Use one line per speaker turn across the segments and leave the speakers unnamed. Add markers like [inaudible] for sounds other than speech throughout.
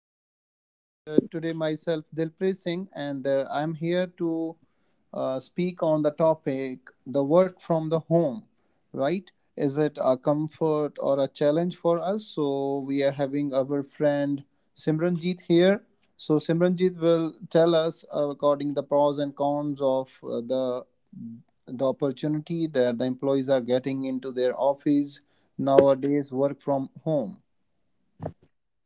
podcast. And today, myself, Dilpreet Singh, and I'm here to speak on the topic the work from the home, right? Is it a comfort or a challenge for us? So, we are having our friend Simranjit here. So, Simranjit will tell us according the pros and cons of the opportunity that the employees are getting into their office nowadays work from home.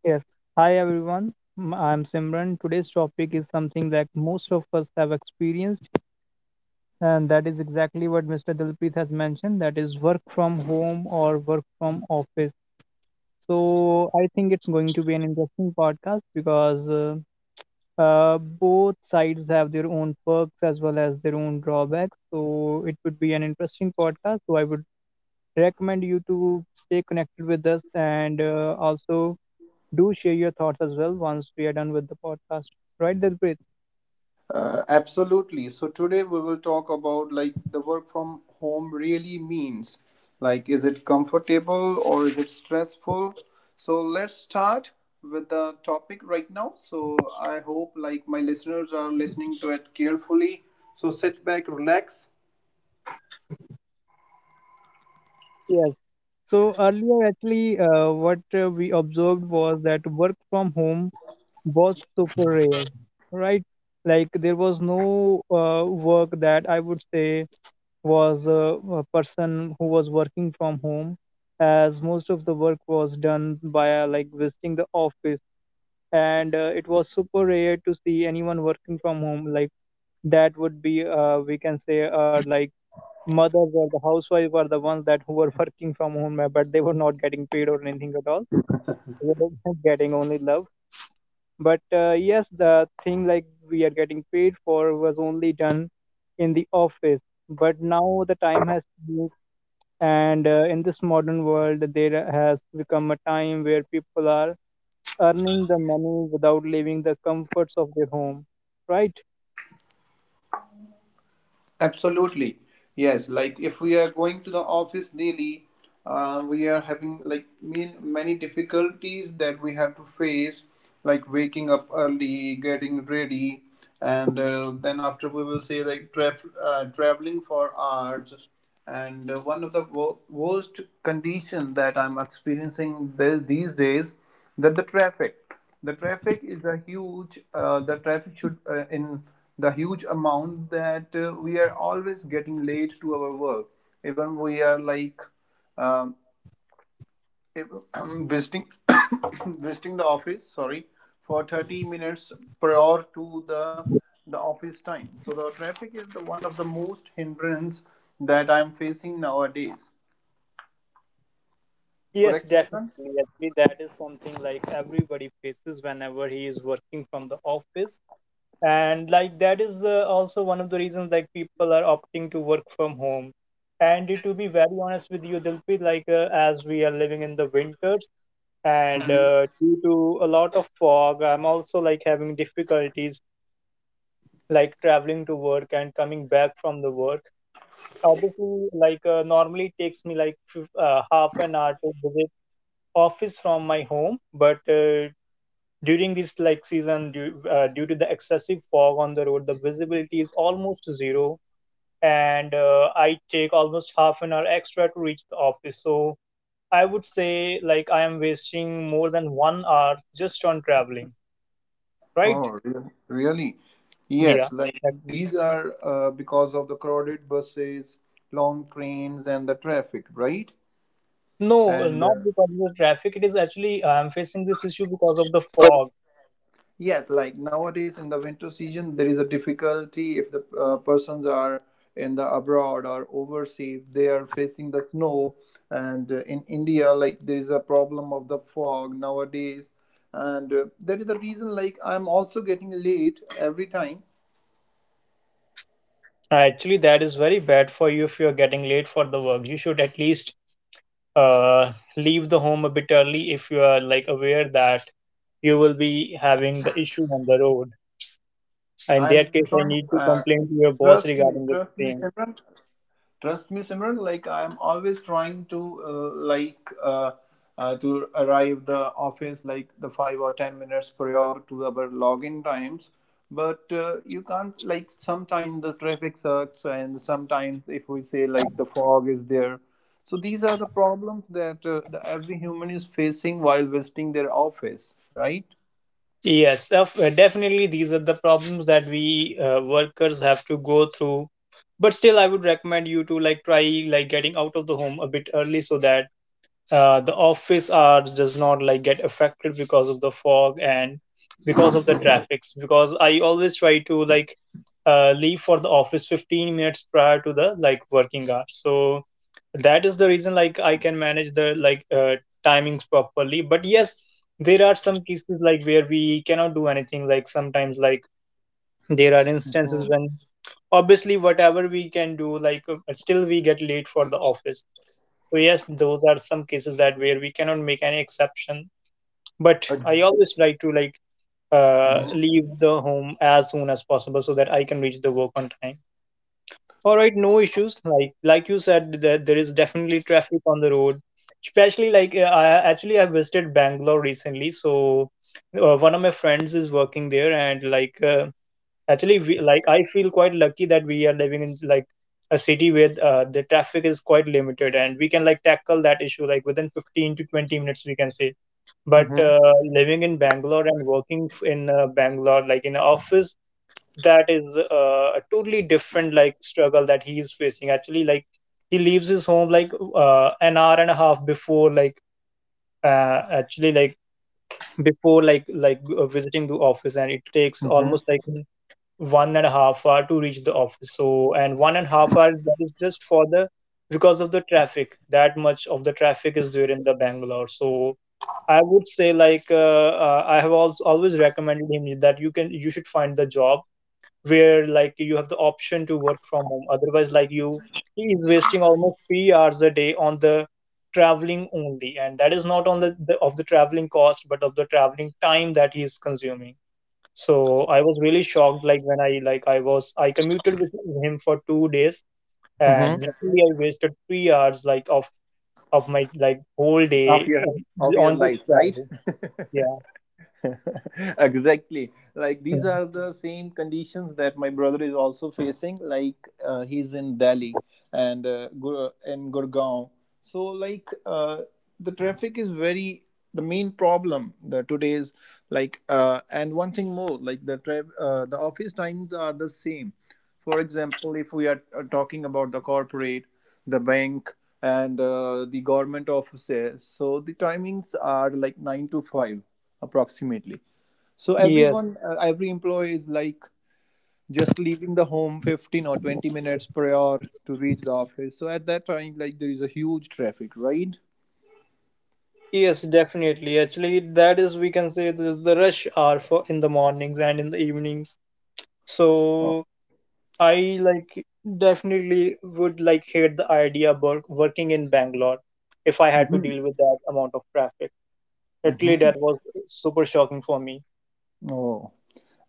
Yes. Hi everyone. I'm Simran. Today's topic is something that most of us have experienced, and that is exactly what Mr. Dilpreet has mentioned. That is work from home or work from office. So I think it's going to be an interesting podcast because both sides have their own perks as well as their own drawbacks. So it would be an interesting podcast. So I would recommend you to stay connected with us and also do share your thoughts as well once we are done with the podcast. Right, Dilpreet?
Absolutely. So today we will talk about like the work from home really means. Like, is it comfortable or is it stressful? So let's start with the topic right now. So I hope like my listeners are listening to it carefully. So sit back, relax.
Yes. So earlier, actually, what we observed was that work from home was super rare, right? Like there was no work that I would say was a person who was working from home, as most of the work was done by like visiting the office, and it was super rare to see anyone working from home. Like that would be, we can say, like mothers or the housewife were the ones that who were [laughs] working from home but they were not getting paid or anything at all, they were [laughs] getting only love, but yes, the thing like we are getting paid for was only done in the office. But now the time has changed, and in this modern world there has become a time where people are earning the money without leaving the comforts of their home, right?
Absolutely. Yes. Like if we are going to the office daily, we are having like mean many difficulties that we have to face, like waking up early, getting ready, and then after we will say like traveling for hours. And one of the worst condition that I'm experiencing these days that the traffic. The traffic is a huge, the traffic should in the huge amount that we are always getting late to our work. Even we are like um, if, [clears throat] visiting [coughs] visiting the office, sorry, for 30 minutes per hour to the office time. So the traffic is the one of the most hindrance that I am facing nowadays.
Yes,
Correct, Simran?
definitely. Actually, that is something like everybody faces whenever he is working from the office. And like that is also one of the reasons like people are opting to work from home. And to be very honest with you, Dilpreet, like as we are living in the winters and due to a lot of fog, I'm also like having difficulties like traveling to work and coming back from the work. Obviously, like normally it takes me like half an hour to visit office from my home, but during this like season due to the excessive fog on the road, the visibility is almost zero, and I take almost half an hour extra to reach the office. So I would say like I am wasting more than 1 hour just on traveling, right?
Oh, re- Really?
Yeah.
Yes, like
that-
these are because of the crowded buses, long trains, and the traffic, right?
no,
And
not because of the traffic. It is actually I am facing this issue because of the fog.
yes, like nowadays in the winter season, there is a difficulty if the persons are in the abroad or overseas, they are facing the snow. And in India, like there is a problem of the fog nowadays. And that is the reason, like, I'm also getting late every time.
Actually, that is very bad for you if you're getting late for the work. You should at least uh, leave the home a bit early if you are like aware that you will be having the issue on the road. In
I'm
that case,
trying.
I need to complain to your
Trust
boss
me,
regarding the
trust me,
same.
Simran. Trust me, Simran. Like I'm always trying to to arrive the office like the 5 or 10 minutes prior to our login times. But you can't like sometimes the traffic sucks and sometimes if we say like the fog is there. So these are the problems that the, every human is facing while visiting their office, right?
Yes, definitely these are the problems that we workers have to go through. But still, I would recommend you to like try like getting out of the home a bit early so that the office hours does not like get affected because of the fog and because of the traffics, because I always try to like leave for the office 15 minutes prior to the like working hours. So that is the reason like I can manage the like timings properly. But yes, there are some cases like where we cannot do anything, like sometimes like there are instances
Mhm.
when obviously whatever we can do, like still we get late for the office. So yes, those are some cases that where we cannot make any exception. But I
Ex-
always like to like
Mhm.
leave the home as soon as possible so that I can reach the work on time. All right, no issues. Like you said, that there is definitely traffic on the road. Especially like uh, I visited Bangalore recently, so one of my friends is working there, and like actually, we, like I feel quite lucky that we are living in like a city where the traffic is quite limited and we can like tackle that issue like within 15 to 20 minutes we can say. But
Mhm.
living in Bangalore and working in Bangalore like in an office, that is a totally different like struggle that he is facing. Actually, like he leaves his home like an hour and a half before like actually like before like visiting the office, and it takes
Mhm.
almost like 1.5 hour to reach the office. So, and 1.5 hour, that is just for the because of the traffic. That much of the traffic is there in the Bangalore. So I would say like I have also always recommended him that you should find the job where like you have the option to work from home. Otherwise, like you he is wasting almost 3 hours a day on the traveling only, and that is not on the traveling cost, but of the traveling time that he is consuming. So I was really shocked, like when I like I was I commuted with him for 2 days, and
Mhm.
literally I wasted 3 hours like of my like whole
Of
day
your of your
on this
life, right.
travel.
[laughs]
Yeah.
[laughs] Exactly, like these
Mm.
are the same conditions that my brother is also facing, like he's in Delhi and in Gurgaon. So the traffic is very the main problem the today's, and one thing more like the office times are the same. For example, if we are talking about the corporate, the bank, and the government offices, so the timings are like 9 to 5 approximately. So
Yes,
everyone, every employee is like just leaving the home 15 or 20 minutes per hour to reach the office. So at that time, like there is a huge traffic, right?
yes, definitely. Actually, that is we can say this is the rush hour for in the mornings and in the evenings.
Oh,
So I like definitely would like hate the idea of working in Bangalore if I had to
hmm.
deal with that amount of traffic. Literally,
Hmm.
that was super shocking for me.
Oh,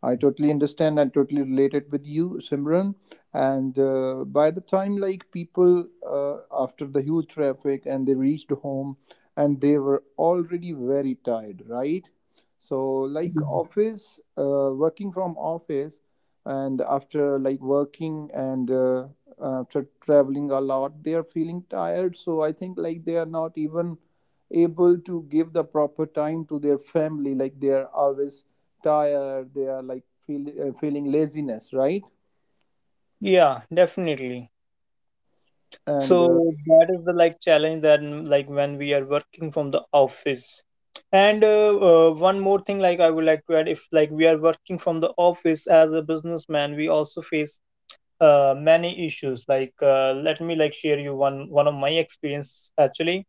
I totally understand and totally relate it with you, Simran. And by the time, like people, after the huge traffic and they reached home, and they were already very tired, right? So,
Mm.
like office, working from office, and after like working and after traveling a lot, they are feeling tired. So I think like they are not even able to give the proper time to their family. Like they are always tired, they are like feeling laziness, right?
Yeah, definitely.
And
So that is the like challenge that like when we are working from the office. And one more thing like I would like to add, if like we are working from the office as a businessman, we also face many issues. Like let me like share you one of my experience actually.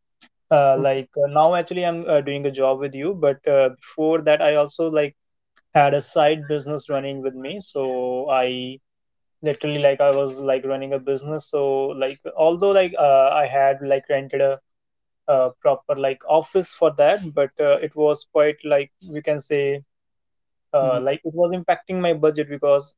Now actually I'm doing a job with you, but before that I also like had a side business running with me. So I literally like I was like running a business. So like although like I had like rented a, proper like office for that, but it was quite like we can say
mhm,
like it was impacting my budget, because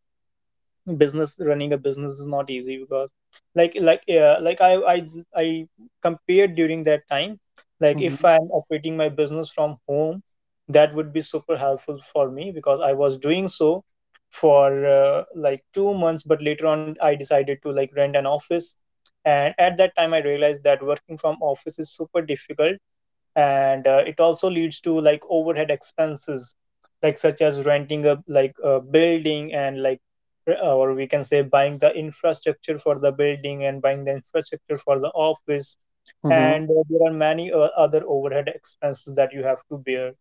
business, running a business is not easy, because like I compared during that time, like if
mhm,
I'm operating my business from home, that would be super helpful for me. Because I was doing so for like 2 months, but later on I decided to like rent an office, and at that time I realized that working from office is super difficult, and it also leads to like overhead expenses, like such as renting a like a building and like, or we can say buying the infrastructure for the building and buying the infrastructure for the office.
mhm,
And there are many other overhead expenses that you have to bear.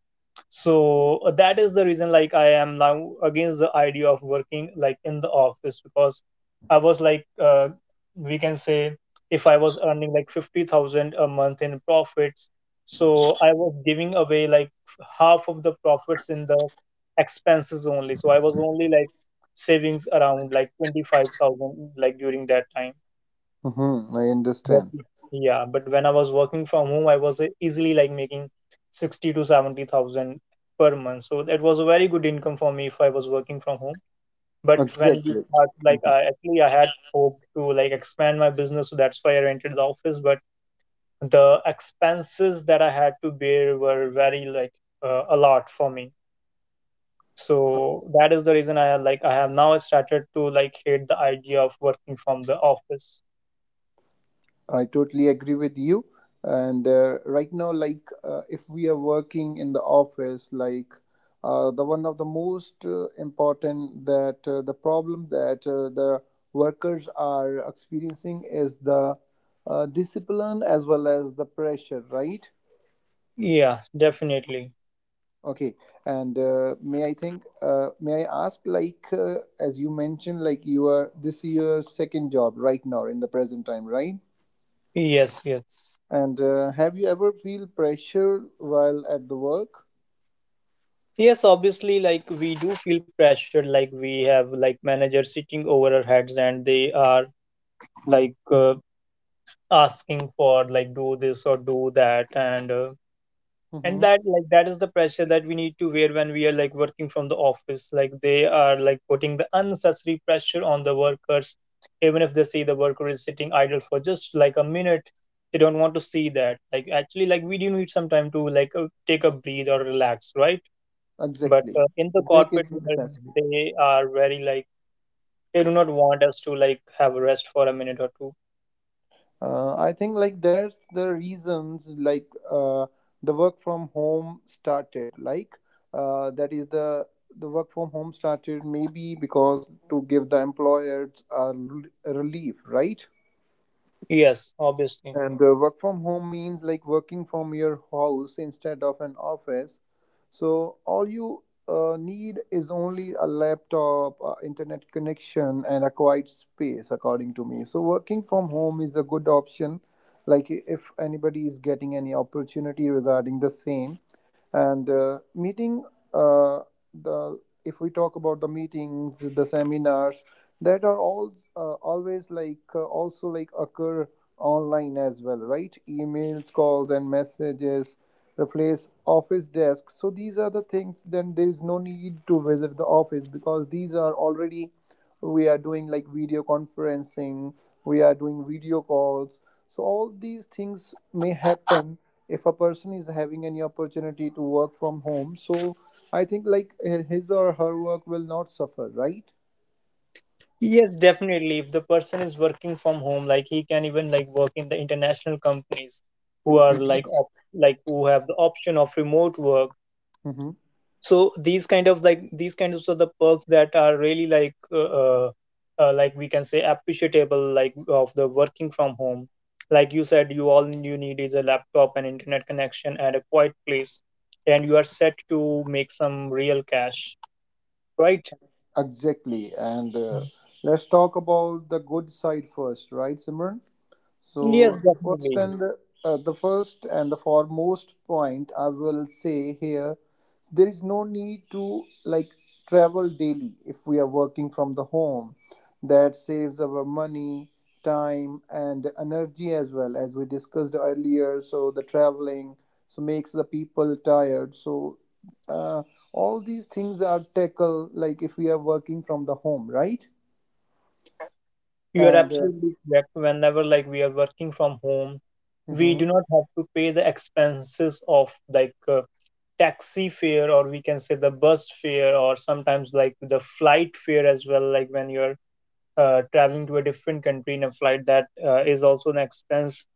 So that is the reason like I am now against the idea of working like in the office. Because I was like we can say if I was earning like 50,000 a month in profits, so I was giving away like half of the profits in the expenses only. So I was only like savings around like 25,000 like during that time.
mhm, I
But
understand.
yeah, but when I was working from home, I was easily like making 60 to 70,000 per month. So that was a very good income for me if I was working from home. But when we
Exactly,
start, like I had hoped to like expand my business, so that's why I rented the office. But the expenses that I had to bear were very like a lot for me. So that is the reason I have now started to like hate the idea of working from the office.
I totally agree with you. And right now if we are working in the office like the one of the most important that the problem that the workers are experiencing is the discipline as well as the pressure, right?
Yeah, definitely.
Okay, and may I ask, like, as you mentioned, like you are this your second job right now in the present time, right?
Yes, yes.
And have you ever feel pressure while at the work?
Yes, obviously, like we do feel pressure, like we have like managers sitting over our heads, and they are like asking for like do this or do that, and and
Mm-hmm.
that like that is the pressure that we need to wear when we are like working from the office. Like they are like putting the unnecessary pressure on the workers, even if they see the worker is sitting idle for just like a minute. They don't want to see that. Like actually, like we do need some time to like take a breathe or relax, right? But
Exactly.
in the
The break
corporate
is
world,
necessary.
they are very like they do not want us to like have a rest for a minute or two.
I think like that's the reasons the work from home started. That is the work from home started maybe because to give the employers a a relief, right?
Yes, obviously.
And work from home means like working from your house instead of an office. So all you need is only a laptop, internet connection, and a quiet space, according to me. So working from home is a good option. Like if anybody is getting any opportunity regarding the same. And meeting uh, the if we talk about the meetings, the seminars, that are all always also like occur online as well, right? Emails, calls and messages replace office desk, so these are the things. Then there is no need to visit the office because these are already, we are doing like video conferencing, we are doing video calls. So all these things may happen if a person is having any opportunity to work from home. So I think like his or her work will not suffer, right?
Yes, definitely. If the person is working from home, like he can even like work in the international companies who are like op like who have the option of remote work.
Mm-hmm.
So these kind of like these kinds of so the perks that are really like we can say appreciable like of the working from home. Like you said you all you need is a laptop and internet connection and a quiet place, and you are set to make some real cash, right?
Exactly, and let's talk about the good side first, right, Simran? So
Yes,
the first
definitely.
and the first and the foremost point I will say here, there is no need to like travel daily if we are working from the home. That saves our money, time, and energy as well, as we discussed earlier. So the traveling so makes the people tired. So uh, all these things are tackled like if we are working from the home, right?
You are
And
absolutely correct. Whenever like we are working from home, we do
mhm.
not have to pay the expenses of like taxi fare, or we can say the bus fare, or sometimes like the flight fare as well. Like when you're traveling to a different country in a flight, that is also an expense.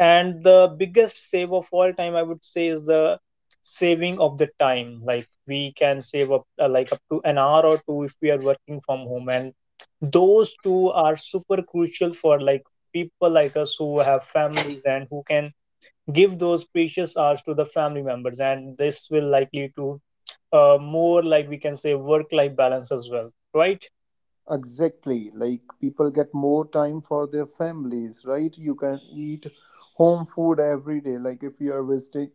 And the biggest save of all time, I would say, is the saving of the time. Like we can save up like up to an hour or two if we are working from home, and those two are super crucial for like people like us who have families and who can give those precious hours to the family members, and this will likely to more like we can say work life balance as well, right?
Exactly, like people get more time for their families, right? You can eat home food every day. Like if you are visiting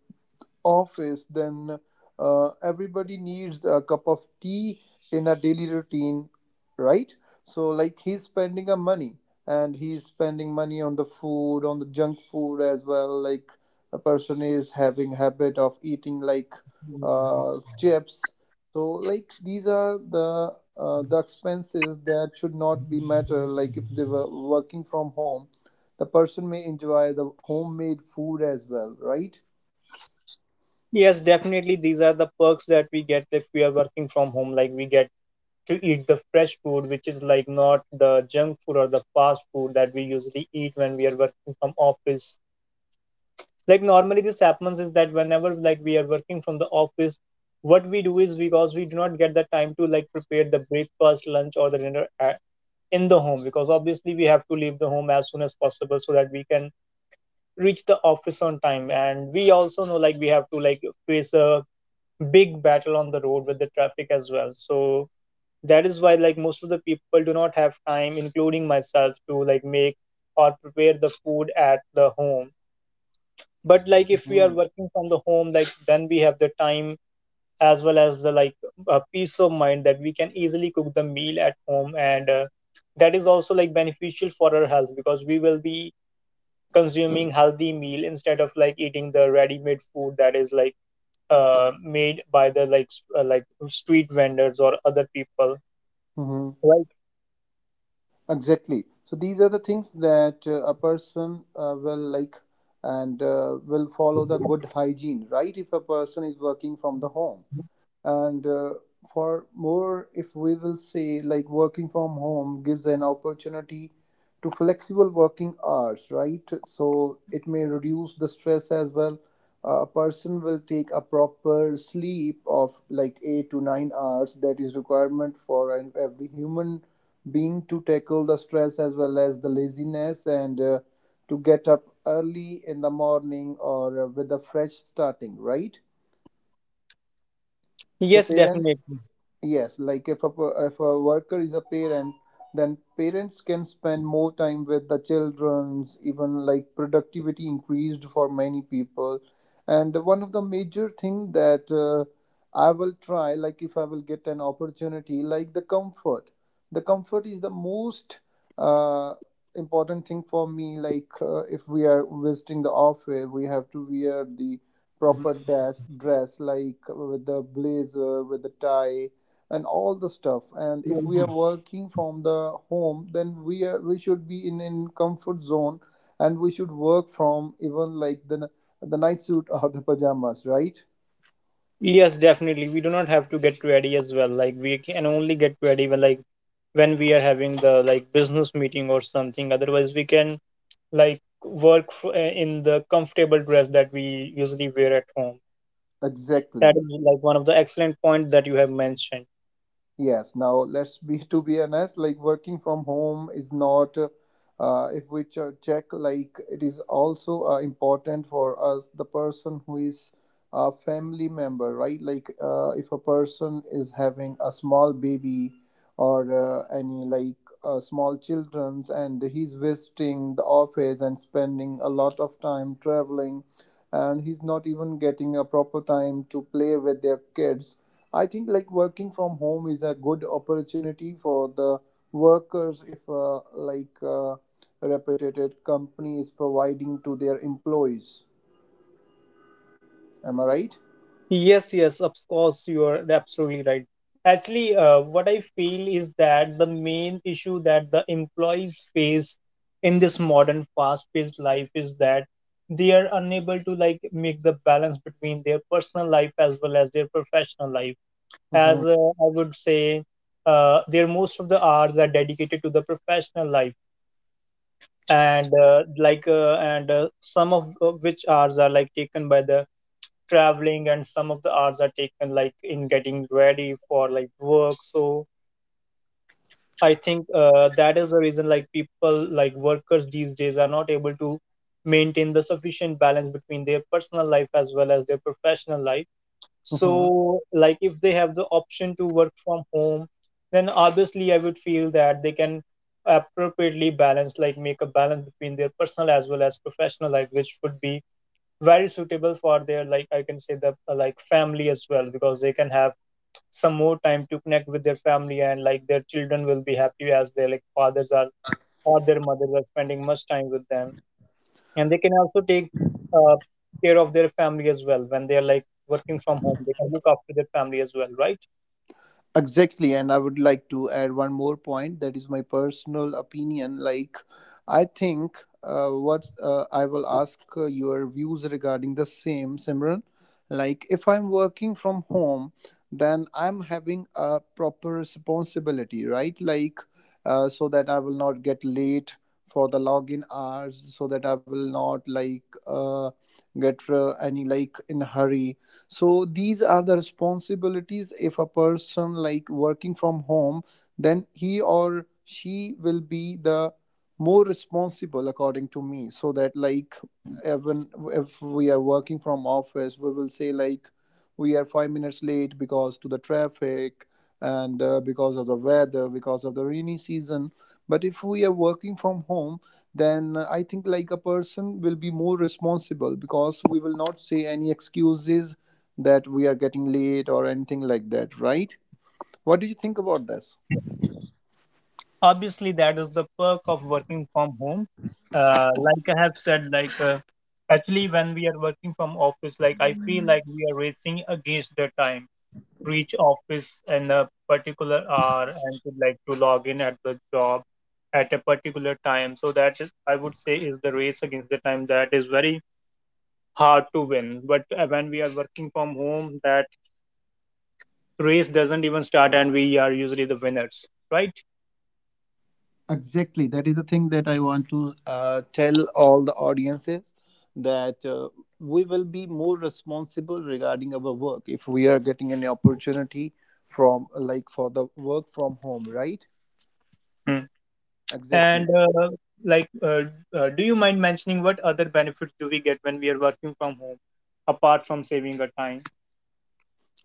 office, then everybody needs a cup of tea in a daily routine, right? So, like, he's spending a money and he's spending money on the food, on the junk food as well. Like, a person is having habit of eating like chips. So, like, these are the expenses that should not be matter. Like, if they were working from home, the person may enjoy the homemade food as well, right?
Yes, definitely, these are the perks that we get if we are working from home. Like we get to eat the fresh food, which is like not the junk food or the fast food that we usually eat when we are working from office. Like normally this happens is that whenever like we are working from the office, what we do is because we do not get the time to like prepare the breakfast, lunch, or the dinner in the home, because obviously we have to leave the home as soon as possible so that we can reach the office on time, and we also know like we have to like face a big battle on the road with the traffic as well. So that is why like most of the people do not have time, including myself, to like make or prepare the food at the home. But like if we are working from the home, like then we have the time as well as the like peace of mind that we can easily cook the meal at home, and that is also like beneficial for our health because we will be consuming healthy meal instead of like eating the ready made food that is like made by the like like street vendors or other people,
Hmm.
right?
Exactly. So these are the things that a person will like and will follow the good hygiene, right? If a person is working from the home and for more, if we will say like working from home gives an opportunity to flexible working hours, right? So it may reduce the stress as well. A person will take a proper sleep of like 8 to 9 hours that is requirement for every human being to tackle the stress as well as the laziness and to get up early in the morning or with a fresh starting, right? So
Yes,
parents.
definitely.
Yes, like if a if a worker is a parent, then parents can spend more time with the childrens. Even like productivity increased for many people, and one of the major thing that I will try, like if I will get an opportunity, like the comfort. The comfort is the most uh, important thing for me. Like if we are visiting the office, we have to wear the proper dress, dress like with the blazer, with the tie and all the stuff. And if we are working from the home, then we are we should be in comfort zone, and we should work from even like the night suit [laughs] or the pajamas, right?
Yes, definitely, we do not have to get ready as well. Like we can only get ready when like when we are having the like business meeting or something, otherwise we can like in the comfortable dress that we usually wear at home. That
Exactly.
is like one of the excellent points that you have mentioned.
Yes, now let's be [laughs] to be honest, like working from home is not if we check like it is also important for us the person who is a family member, right? Like if a person is having a small baby or any like small children's and he's visiting the office and spending a lot of time traveling and he's not even getting a proper time to play with their kids. I think like working from home is a good opportunity for the workers if reputed company is providing to their employees. Am I right?
Yes, yes, of course, you are absolutely right. Actually what I feel is that the main issue that the employees face in this modern fast paced life is that they are unable to like make the balance between their personal life as well as their professional life. As
Mhm,
I would say, their most of the hours are dedicated to the professional life, and some of which hours are like taken by the traveling, and some of the hours are taken like in getting ready for like work. So I think that is the reason like people like workers these days are not able to maintain the sufficient balance between their personal life as well as their professional life.
mhm.
So, like, if they have the option to work from home, then obviously I would feel that they can appropriately balance, like, make a balance between their personal as well as professional life, which would be very suitable for their, like, I can say the like family as well, because they can have some more time to connect with their family, and like their children will be happy as their like fathers are or their mothers are spending much time with them, and they can also take uh, care of their family as well. When they are like working from home, they can look after their family as well, right?
Exactly, and I would like to add one more point that is my personal opinion. Like, I think what I will ask your views regarding the same, Simran. Like, if I'm working from home, then I'm having a proper responsibility, right? So that I will not get late for the login hours, so that I will not get any like in hurry. So these are the responsibilities. If a person like working from home, then he or she will be the more responsible according to me, so that like even if we are working from office, we will say like we are 5 minutes late because to the traffic and because of the weather, because of the rainy season. But if we are working from home, then I think like a person will be more responsible because we will not say any excuses that we are getting late or anything like that, right? What do you think about this?
Obviously, that is the perk of working from home. Like I have said, actually when we are working from office, like I feel like we are racing against the time to reach office in a particular hour and to like to log in at the job at a particular time. So that is I would say is the race against the time that is very hard to win. But when we are working from home, that race doesn't even start, and we are usually the winners, right?
Exactly. That is the thing that I want to tell all the audiences that we will be more responsible regarding our work if we are getting an opportunity from like for the work from home, right?
Hmm.
Exactly.
And uh, like, uh, do you mind mentioning what other benefits do we get when we are working from home, apart from saving our time?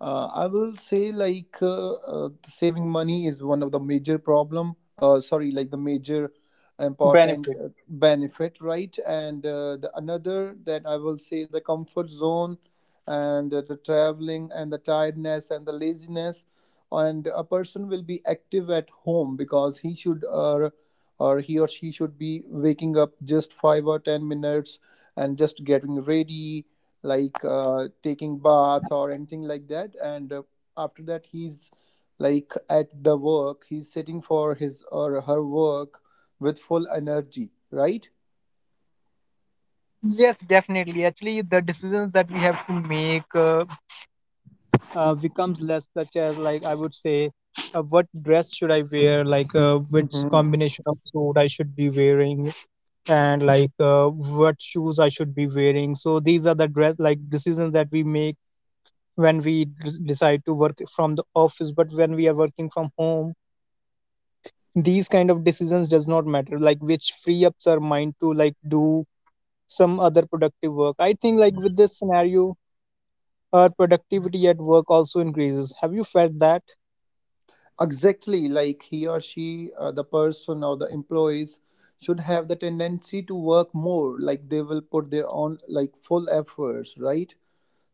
I will say saving money is one of the major problem. Sorry, like the major important
Benefit.
benefit, right? And the another that I will say the comfort zone, and the traveling and the tiredness and the laziness, and a person will be active at home because he or she should be waking up just 5 or 10 minutes and just getting ready taking bath or anything like that, and after that he's like at the work, he's sitting for his or her work with full energy, right?
Yes, definitely, actually the decisions that we have to make becomes less, such as like I would say what dress should I wear, like which
Hmm.
combination of suit I should be wearing, and like what shoes I should be wearing. So these are the dress like decisions that we make when we decide to work from the office, but when we are working from home, these kind of decisions does not matter. Like which free ups our mind to like do some other productive work. I think like with this scenario, our productivity at work also increases. Have you felt that?
Exactly. Like he or she the person or the employees should have the tendency to work more, like they will put their own like full efforts, right?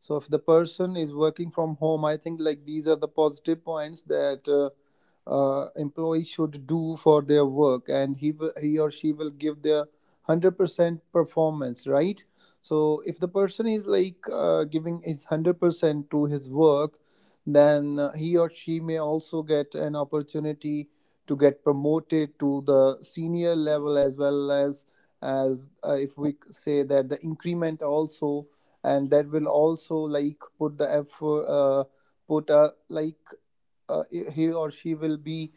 So if the person is working from home, I think like these are the positive points that employee should do for their work, and he or she will give their 100% performance, right? So if the person is like giving his 100% to his work, then he or she may also get an opportunity to get promoted to the senior level as well as if we say that the increment also, and that will also like put the effort put a like uh, he or she will be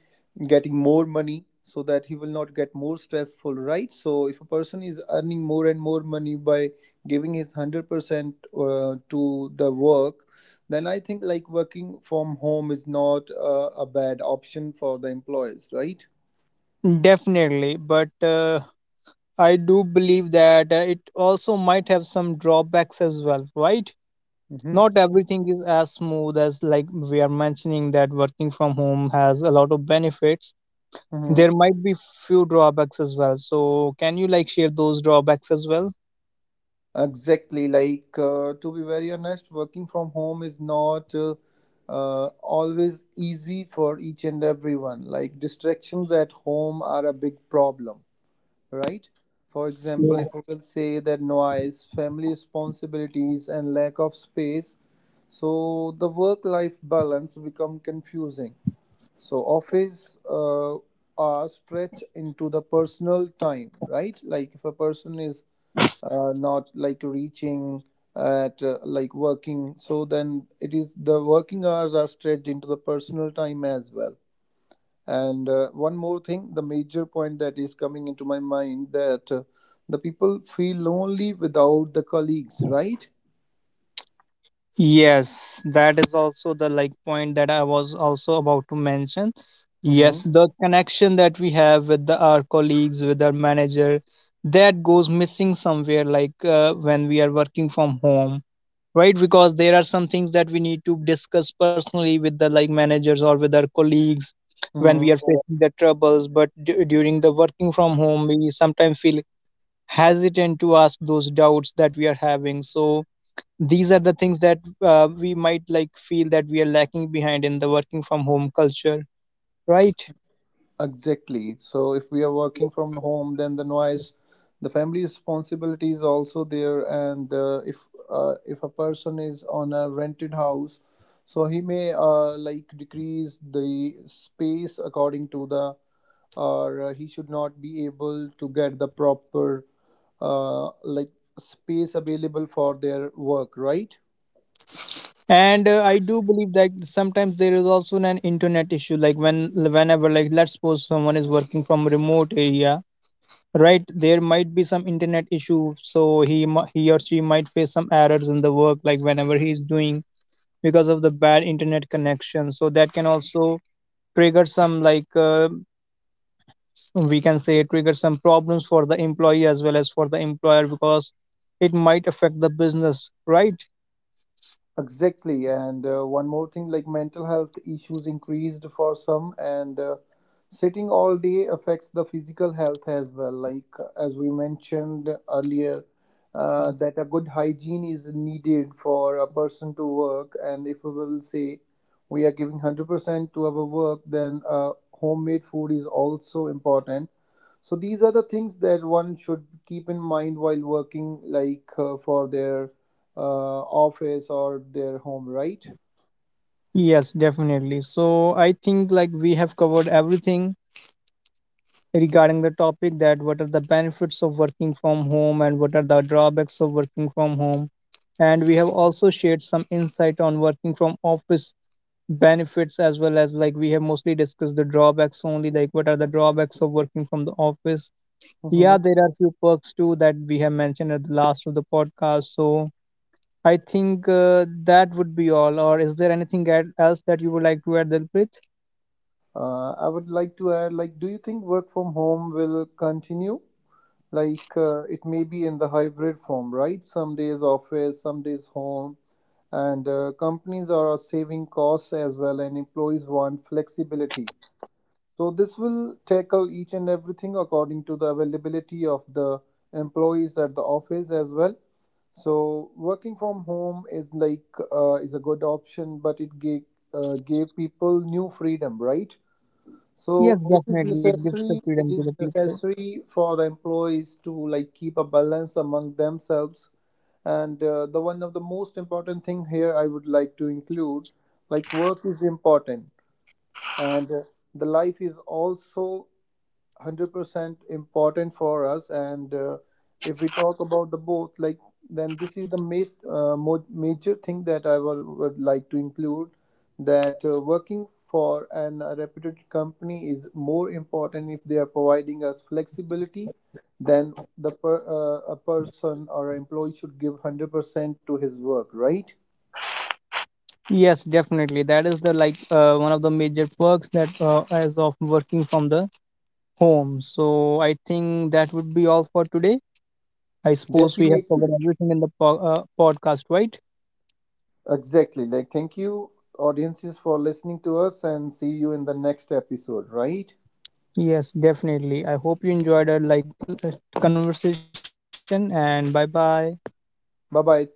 getting more money, so that he will not get more stressful, right? So if a person is earning more and more money by giving his 100% to the work, then I think like working from home is not a bad option for the employees, right?
Definitely, but I do believe that it also might have some drawbacks as well, right? Not
Mm-hmm.
everything is as smooth as like we are mentioning that working from home has a lot of benefits. There
Mm-hmm.
might be few drawbacks as well, so can you like share those drawbacks as well?
Exactly. To be very honest, working from home is not always easy for each and everyone. Like, distractions at home are a big problem, right? For example, if we will say that noise, family responsibilities, and lack of space, so the work-life balance become confusing. So office hours stretch into the personal time, right? Like if a person is not like reaching at like working, so then it is the working hours are stretched into the personal time as well. And one more thing, the major point that is coming into my mind that the people feel lonely without the colleagues, right?
Yes, that is also the like point that I was also about to mention.
Mm-hmm.
Yes, the connection that we have with the, our colleagues, with our manager, that goes missing somewhere like when we are working from home, right? Because there are some things that we need to discuss personally with the like managers or with our colleagues when we
Mm-hmm.
are facing the troubles, but during the working from home we sometimes feel hesitant to ask those doubts that we are having. So these are the things that we might like feel that we are lacking behind in the working from home culture, right?
Exactly. So if we are working from home, then the noise, the family responsibility is also there. And if a person is on a rented house, so he may like decrease the space according to the, or he should not be able to get the proper uh, like space available for their work, right?
And I do believe that sometimes there is also an internet issue. Like when whenever like let's suppose someone is working from a remote area, right, there might be some internet issue, so he or she might face some errors in the work, like whenever he's doing because of the bad internet connection. So that can also trigger some like we can say trigger some problems for the employee as well as for the employer, because it might affect the business, right?
Exactly. And one more thing, like mental health issues increased for some, and sitting all day affects the physical health as well. Like as we mentioned earlier, that a good hygiene is needed for a person to work. And if we will say we are giving 100% to our work, then homemade food is also important. So these are the things that one should keep in mind while working, like for their uh, office or their home, right?
Yes, definitely. So I think like we have covered everything regarding the topic, that what are the benefits of working from home and what are the drawbacks of working from home. And we have also shared some insight on working from office benefits, as well as like we have mostly discussed the drawbacks only, like what are the drawbacks of working from the office. Yeah,
Mm-hmm.
there are few perks too that we have mentioned at the last of the podcast. So I think that would be all. Or is there anything else that you would like to add, Dilpreet?
I would like to add, like, do you think work from home will continue? It may be in the hybrid form, right? Some days office, some days home, and companies are saving costs as well, and employees want flexibility. So this will tackle each and everything according to the availability of the employees at the office as well. So working from home is a good option, but it gave people new freedom, right?
Yes,
So it is
definitely. It gives the
necessary.
freedom
It
to the
is
people.
necessary for the employees to like keep a balance among themselves. And the one of the most important thing here I would like to include, like work is important, and the life is also 100% important for us, and if we talk about the both, like then this is the most major thing that I would like to include, that working for an a reputed company is more important if they are providing us flexibility, then a person or an employee should give 100% to his work, right?
Yes, definitely. That is the like one of the major perks that as of working from the home. So I think that would be all for today. I suppose we have covered
Definitely.
everything in the podcast, right?
Exactly. Like, thank you audiences for listening to us, and see you in the next episode, right?
Yes, definitely. I hope you enjoyed our like conversation, and bye bye.
Bye bye.